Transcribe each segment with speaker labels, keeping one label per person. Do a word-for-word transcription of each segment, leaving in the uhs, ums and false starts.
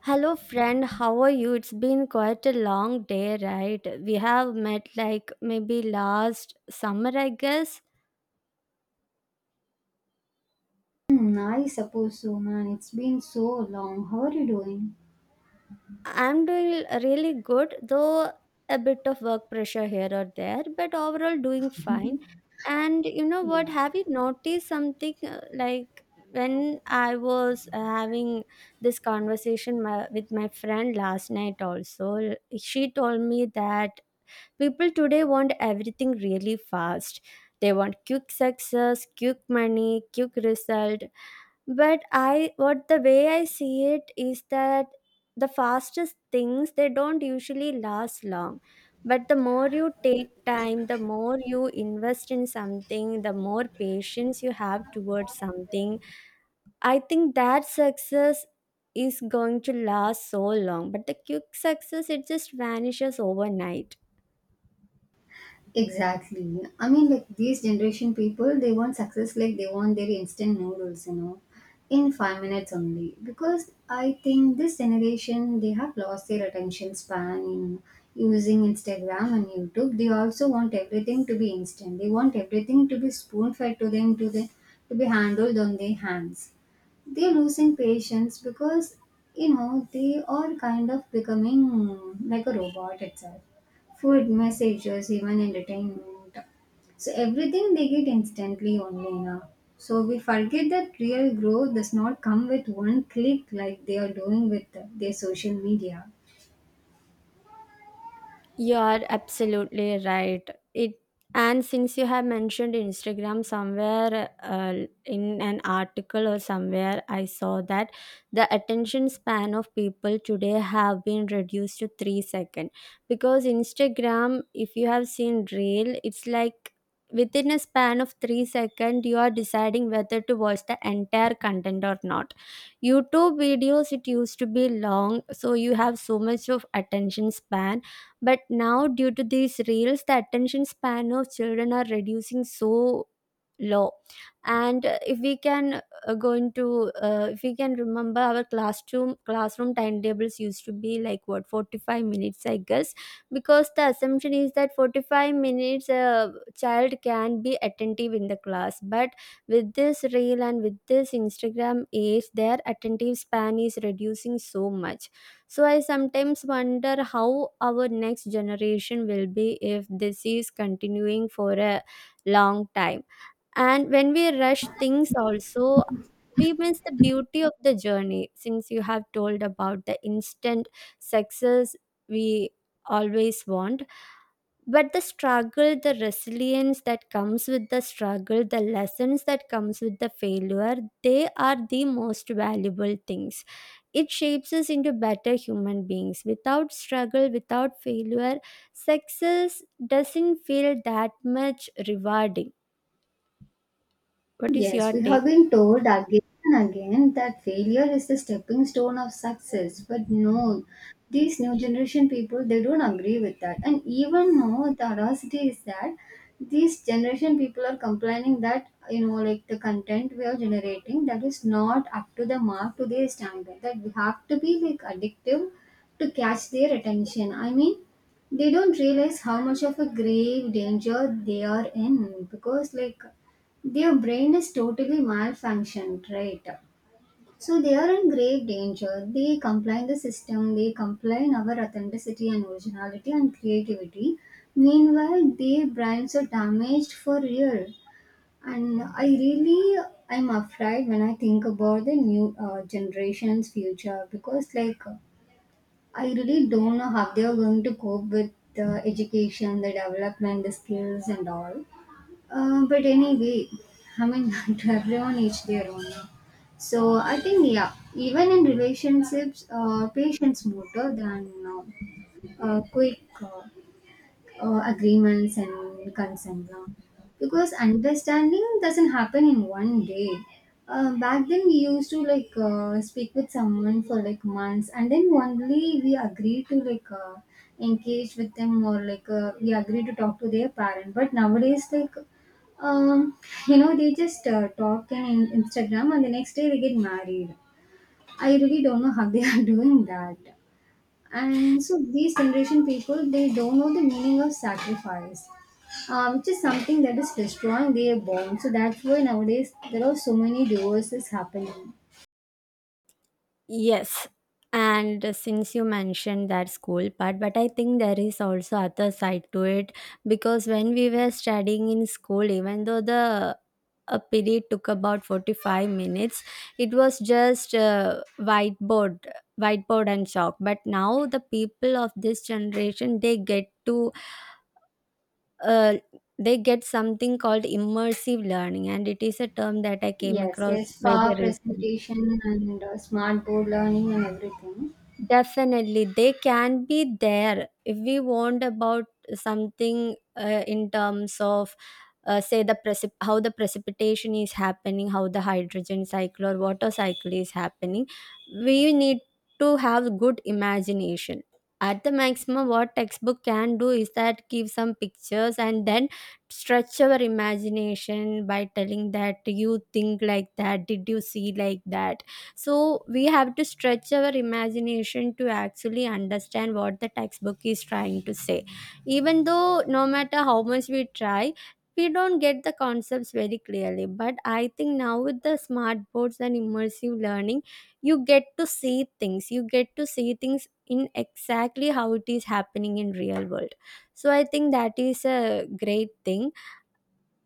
Speaker 1: Hello, friend. How are you? It's been quite a long day, right? We have met like maybe last summer, I guess.
Speaker 2: Hmm, I suppose so, man. It's been so long. How are you doing?
Speaker 1: I'm doing really good, though a bit of work pressure here or there, but overall doing fine. And you know what?
Speaker 2: Yeah.
Speaker 1: Have you noticed something uh, like when I was uh, having this conversation my, with my friend last night, also, l- she told me that people today want everything really fast. They want quick success, quick money, quick result. But I what the way I see it is that the fastest things, they don't usually last long. But the more you take time, the more you invest in something, the more patience you have towards something. I think that success is going to last so long. But the quick success, it just vanishes overnight.
Speaker 2: Exactly. I mean, like these generation people, they want success like they want their instant noodles, you know, in five minutes only. Because I think this generation, they have lost their attention span in using Instagram and YouTube. They also want everything to be instant. They want everything to be spoon fed to them, to the to be handled on their hands. They're losing patience because you know they are kind of becoming mm, like a robot itself, food, messages, even entertainment. So everything they get instantly only now. So we forget that real growth does not come with one click like they are doing with their social media.
Speaker 1: You are absolutely right. It And since you have mentioned Instagram somewhere uh, in an article or somewhere, I saw that the attention span of people today have been reduced to three seconds, because Instagram, if you have seen reel, it's like within a span of three seconds you are deciding whether to watch the entire content or not. YouTube videos, it used to be long, so you have so much of attention span, but now, due to these reels, the attention span of children are reducing so low. And uh, if we can uh, go into, uh, if we can remember, our classroom classroom timetables used to be like what, forty five minutes, I guess, because the assumption is that forty five minutes a child can be attentive in the class, but with this reel and with this Instagram age their attentive span is reducing so much, so I sometimes wonder how our next generation will be if this is continuing for a long time. And when we rush things also, we miss the beauty of the journey. Since you have told about the instant success, we always want, but the struggle, the resilience that comes with the struggle, the lessons that comes with the failure, they are the most valuable things. It shapes us into better human beings. Without struggle, without failure, success doesn't feel that much rewarding. What is
Speaker 2: Yes,
Speaker 1: your
Speaker 2: we
Speaker 1: take?
Speaker 2: have been told again and again that failure is the stepping stone of success. But no, these new generation people they don't agree with that. And even now the audacity is that these generation people are complaining that you know like the content we are generating that is not up to the mark to their standard. That we have to be like addictive to catch their attention. I mean they don't realize how much of a grave danger they are in because like their brain is totally malfunctioned, right? So they are in grave danger. They complain the system, they complain our authenticity and originality and creativity. Meanwhile, their brains are damaged for real. And I really I'm afraid when I think about the new uh, generation's future because like I really don't know how they are going to cope with the education, the development, the skills and all. Uh, but anyway, I mean, to everyone, each their own. No? So I think, yeah, even in relationships, uh, patience more than uh, uh, quick Uh, uh, agreements and consent now, because understanding doesn't happen in one day. Uh, back then we used to like uh, speak with someone for like months and then only we agree to like uh, engage with them or like uh, we agree to talk to their parent, but nowadays like um, you know they just uh, talk in in Instagram and the next day they get married. I really don't know how they are doing that. And so these generation people they don't know the meaning of sacrifice, uh, which is something that is destroying their bond, so that's why nowadays there are so many divorces happening.
Speaker 1: Yes. And since you mentioned that school part, but I think there is also other side to it, because when we were studying in school, even though the a period took about forty-five minutes, it was just uh, whiteboard, whiteboard and chalk. But now the people of this generation, they get to uh, they get something called immersive learning, and it is a term that I came
Speaker 2: Yes,
Speaker 1: across
Speaker 2: yes,
Speaker 1: very
Speaker 2: far
Speaker 1: recently.
Speaker 2: presentation and uh, smart board learning and everything.
Speaker 1: Definitely, they can be there if we want about something uh, in terms of uh, say the precip- how the precipitation is happening, how the hydrogen cycle or water cycle is happening. We need to have good imagination. At the maximum, what textbook can do is that give some pictures and then stretch our imagination by telling that, "Do you think like that, did you see like that?" So we have to stretch our imagination to actually understand what the textbook is trying to say. Even though no matter how much we try, we don't get the concepts very clearly, but I think now with the smart boards and immersive learning, you get to see things, you get to see things in exactly how it is happening in real world. So I think that is a great thing.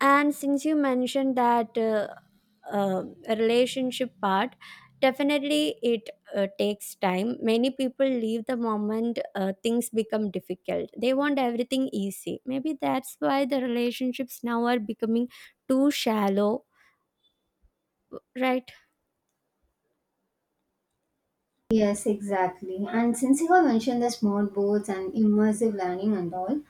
Speaker 1: And since you mentioned that uh, uh, relationship part, definitely it uh, takes time. Many people leave the moment uh, things become difficult. They want everything easy. Maybe that's why the relationships now are becoming too shallow, right?
Speaker 2: Yes, exactly. And since you have mentioned the smart boards and immersive learning and all,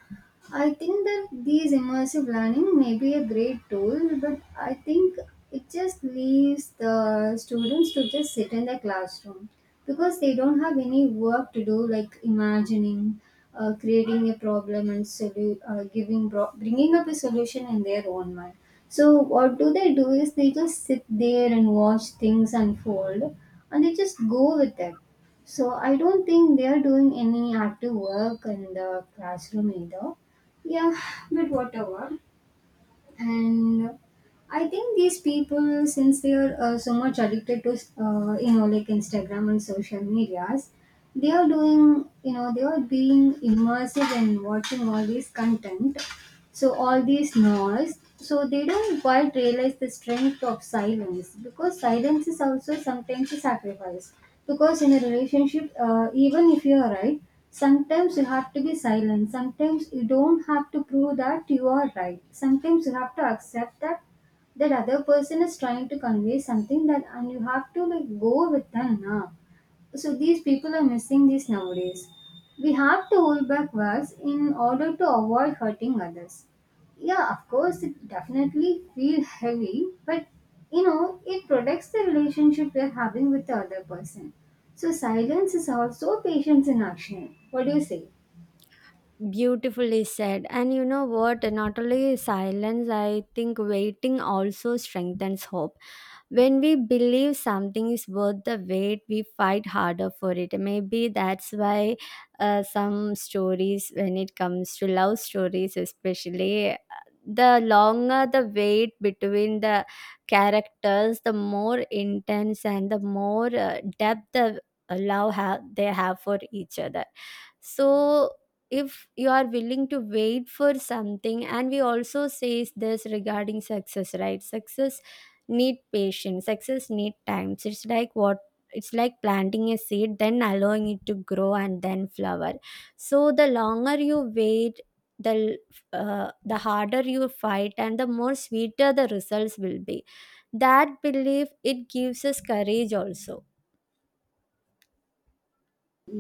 Speaker 2: I think that these immersive learning may be a great tool, but I think it just leaves the students to just sit in the classroom because they don't have any work to do, like imagining, uh, creating a problem and solu- uh, giving bro- bringing up a solution in their own mind. So what do they do is they just sit there and watch things unfold, and they just go with it. So I don't think they are doing any active work in the classroom either, yeah, but whatever. And I think these people, since they are uh, so much addicted to, uh, you know, like Instagram and social medias, they are doing, you know, they are being immersive in watching all this content, so all these noise, so they don't quite realize the strength of silence because silence is also sometimes a sacrifice. Because in a relationship, uh, even if you are right, sometimes you have to be silent. Sometimes you don't have to prove that you are right. Sometimes you have to accept that that other person is trying to convey something that, and you have to like go with them now. So these people are missing this nowadays. We have to hold back words in order to avoid hurting others. Yeah, of course it definitely feels heavy, but you know it protects the relationship we're having with the other person. So silence is also patience in action. What do you say?
Speaker 1: Beautifully said. And you know what? Not only silence, I think waiting also strengthens hope. When we believe something is worth the wait, we fight harder for it. Maybe that's why uh, some stories, when it comes to love stories especially, the longer the wait between the characters, the more intense and the more uh, depth the love have, they have for each other. So if you are willing to wait for something, and we also say this regarding success, right? Success need patience, success need times. It's like what? It's like planting a seed, then allowing it to grow and then flower. So the longer you wait, the uh, the harder you fight and the more sweeter the results will be. That belief, it gives us courage also.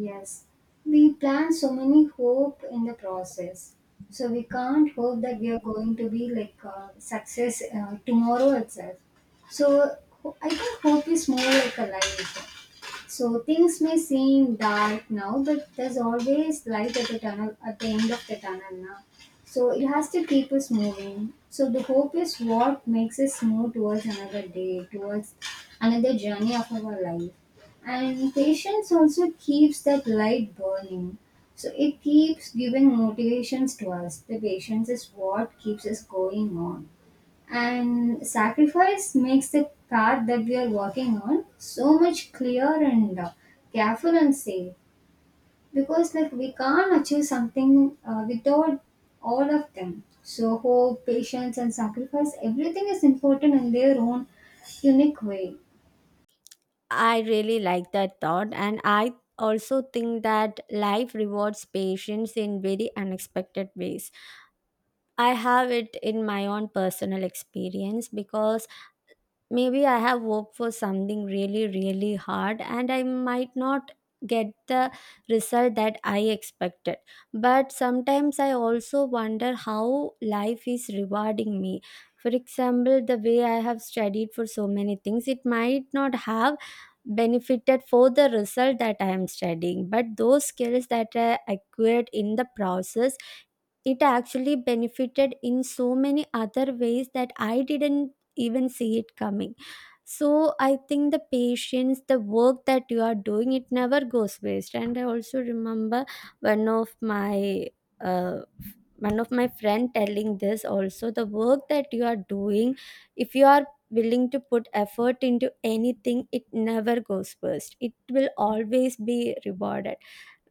Speaker 2: Yes, we plant so many hope in the process. So we can't hope that we are going to be like uh, success uh, tomorrow itself. So ho- I think hope is more like a light. So things may seem dark now, but there's always light at the tunnel at the end of the tunnel now. So it has to keep us moving. So the hope is what makes us move towards another day, towards another journey of our life. And patience also keeps that light burning. So it keeps giving motivations to us. The patience is what keeps us going on, and sacrifice makes the path that we are walking on so much clear and uh, careful and safe, because like we can't achieve something uh, without all of them. So hope, patience and sacrifice, everything is important in their own unique way.
Speaker 1: I really like that thought, and I also think that life rewards patience in very unexpected ways. I have it in my own personal experience because maybe I have worked for something really, really hard and I might not get the result that I expected. But sometimes I also wonder how life is rewarding me. For example, the way I have studied for so many things, it might not have benefited for the result that I am studying, but those skills that I acquired in the process, it actually benefited in so many other ways that I didn't even see it coming. So I think the patience, the work that you are doing, it never goes waste. And I also remember one of my uh, one of my friend telling this also, the work that you are doing, if you are willing to put effort into anything, it never goes waste. It will always be rewarded.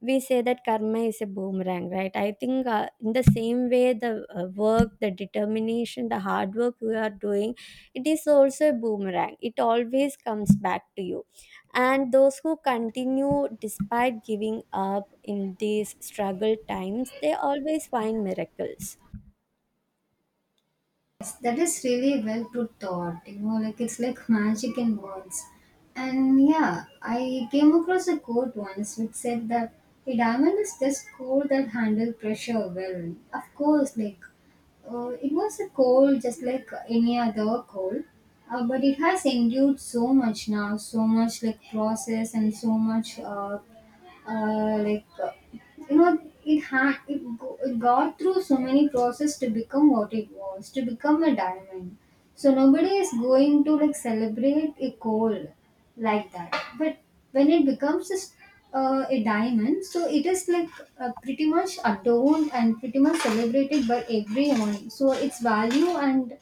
Speaker 1: We say that karma is a boomerang, right? I think uh, in the same way, the uh, work, the determination, the hard work we are doing, it is also a boomerang. It always comes back to you. And those who continue despite giving up in these struggle times, they always find miracles.
Speaker 2: Yes, that is really well put thought. You know, like it's like magic in words. And yeah, I came across a quote once which said that a diamond is just coal that handle pressure well. Of course, like uh, it was a coal just like any other coal, uh, but it has endured so much now, so much like process and so much uh, uh, like uh, you know it ha- it, go- it got through so many process to become what it was, to become a diamond. So nobody is going to like celebrate a coal like that, but when it becomes a, s- uh, a diamond, so it is like uh, pretty much adorned and pretty much celebrated by everyone. So its value and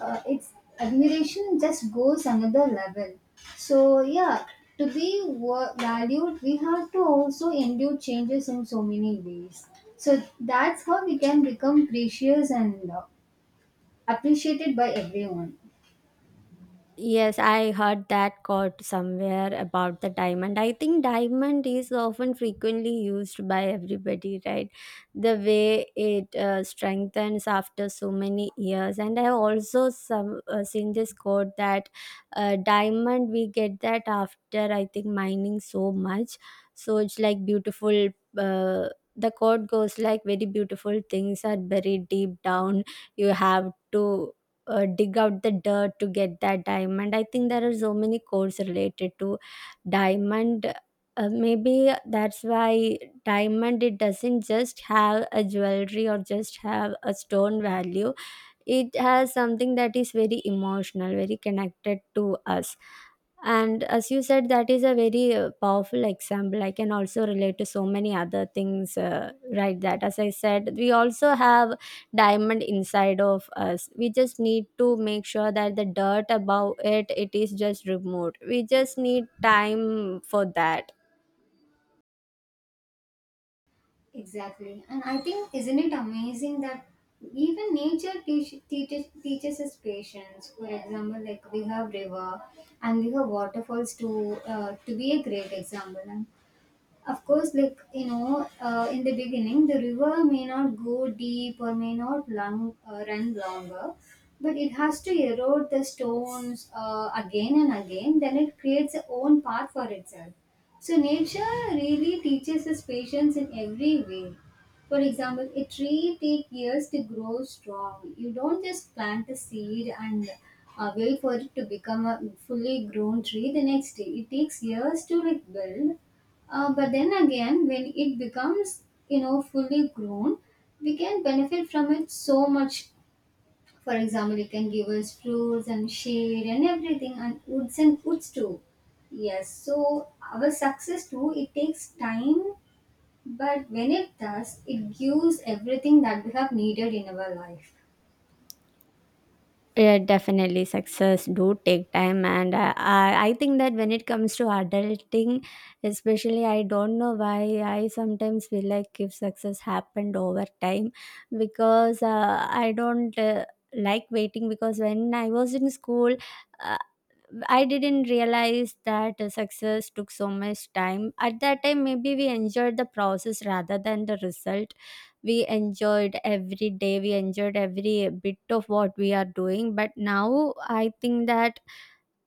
Speaker 2: uh, it's admiration just goes another level. So yeah, to be wa- valued, we have to also endure changes in so many ways. So that's how we can become precious and uh, appreciated by everyone.
Speaker 1: Yes, I heard that quote somewhere about the diamond. I think diamond is often frequently used by everybody, right? The way it uh, strengthens after so many years. And I also some uh, seen this quote that uh, diamond we get that after, I think, mining so much. So it's like beautiful. Uh, the quote goes like, very beautiful things are buried deep down. You have to uh, dig out the dirt to get that diamond. I think there are so many codes related to diamond, uh, maybe that's why diamond, it doesn't just have a jewelry or just have a stone value, it has something that is very emotional, very connected to us. And as you said, that is a very uh, powerful example. I can also relate to so many other things, uh, right? That, as I said, we also have diamond inside of us. We just need to make sure that the dirt above it, it is just removed. We just need time for that.
Speaker 2: Exactly. And I think, isn't it amazing that even nature teach, teaches, teaches us patience? For example, like we have river and we have waterfalls to uh, to be a great example. And of course like you know uh, in the beginning the river may not go deep or may not long, uh, run longer, but it has to erode the stones uh, again and again, then it creates its own path for itself. So nature really teaches us patience in every way. For example, a tree takes years to grow strong. You don't just plant a seed and uh, wait for it to become a fully grown tree the next day. It takes years to like build, uh, but then again, when it becomes, you know, fully grown, we can benefit from it so much. For example, it can give us fruits and shade and everything, and woods and woods too. Yes, so our success too, it takes time, but when it does, it gives everything that we have needed in our life.
Speaker 1: Yeah, definitely. Success do take time, and I, I I think that when it comes to adulting especially, I don't know why I sometimes feel like if success happened over time, because uh, I don't uh, like waiting. Because when I was in school, uh, I didn't realize that uh, success took so much time. At that time, maybe we enjoyed the process rather than the result. We enjoyed every day, we enjoyed every bit of what we are doing. But now I think that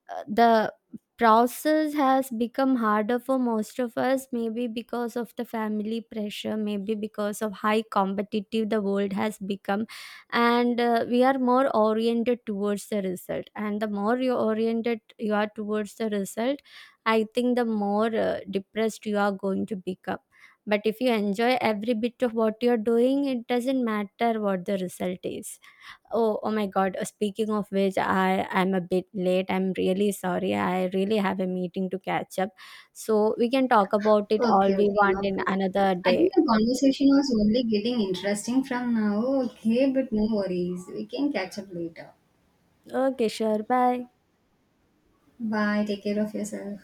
Speaker 1: uh, the process has become harder for most of us, maybe because of the family pressure, maybe because of high competitive the world has become. And uh, we are more oriented towards the result, and the more you oriented you are towards the result, I think the more uh, depressed you are going to become. But if you enjoy every bit of what you're doing, it doesn't matter what the result is. Oh, oh my God. Uh, Speaking of which, I am a bit late. I'm really sorry. I really have a meeting to catch up. So we can talk about it all
Speaker 2: Okay,
Speaker 1: we
Speaker 2: okay, no
Speaker 1: want in
Speaker 2: problem.
Speaker 1: another
Speaker 2: I
Speaker 1: day.
Speaker 2: think the conversation was only getting interesting from now. Okay, but no worries. We can catch up later.
Speaker 1: Okay, sure. Bye.
Speaker 2: Bye. Take care of yourself.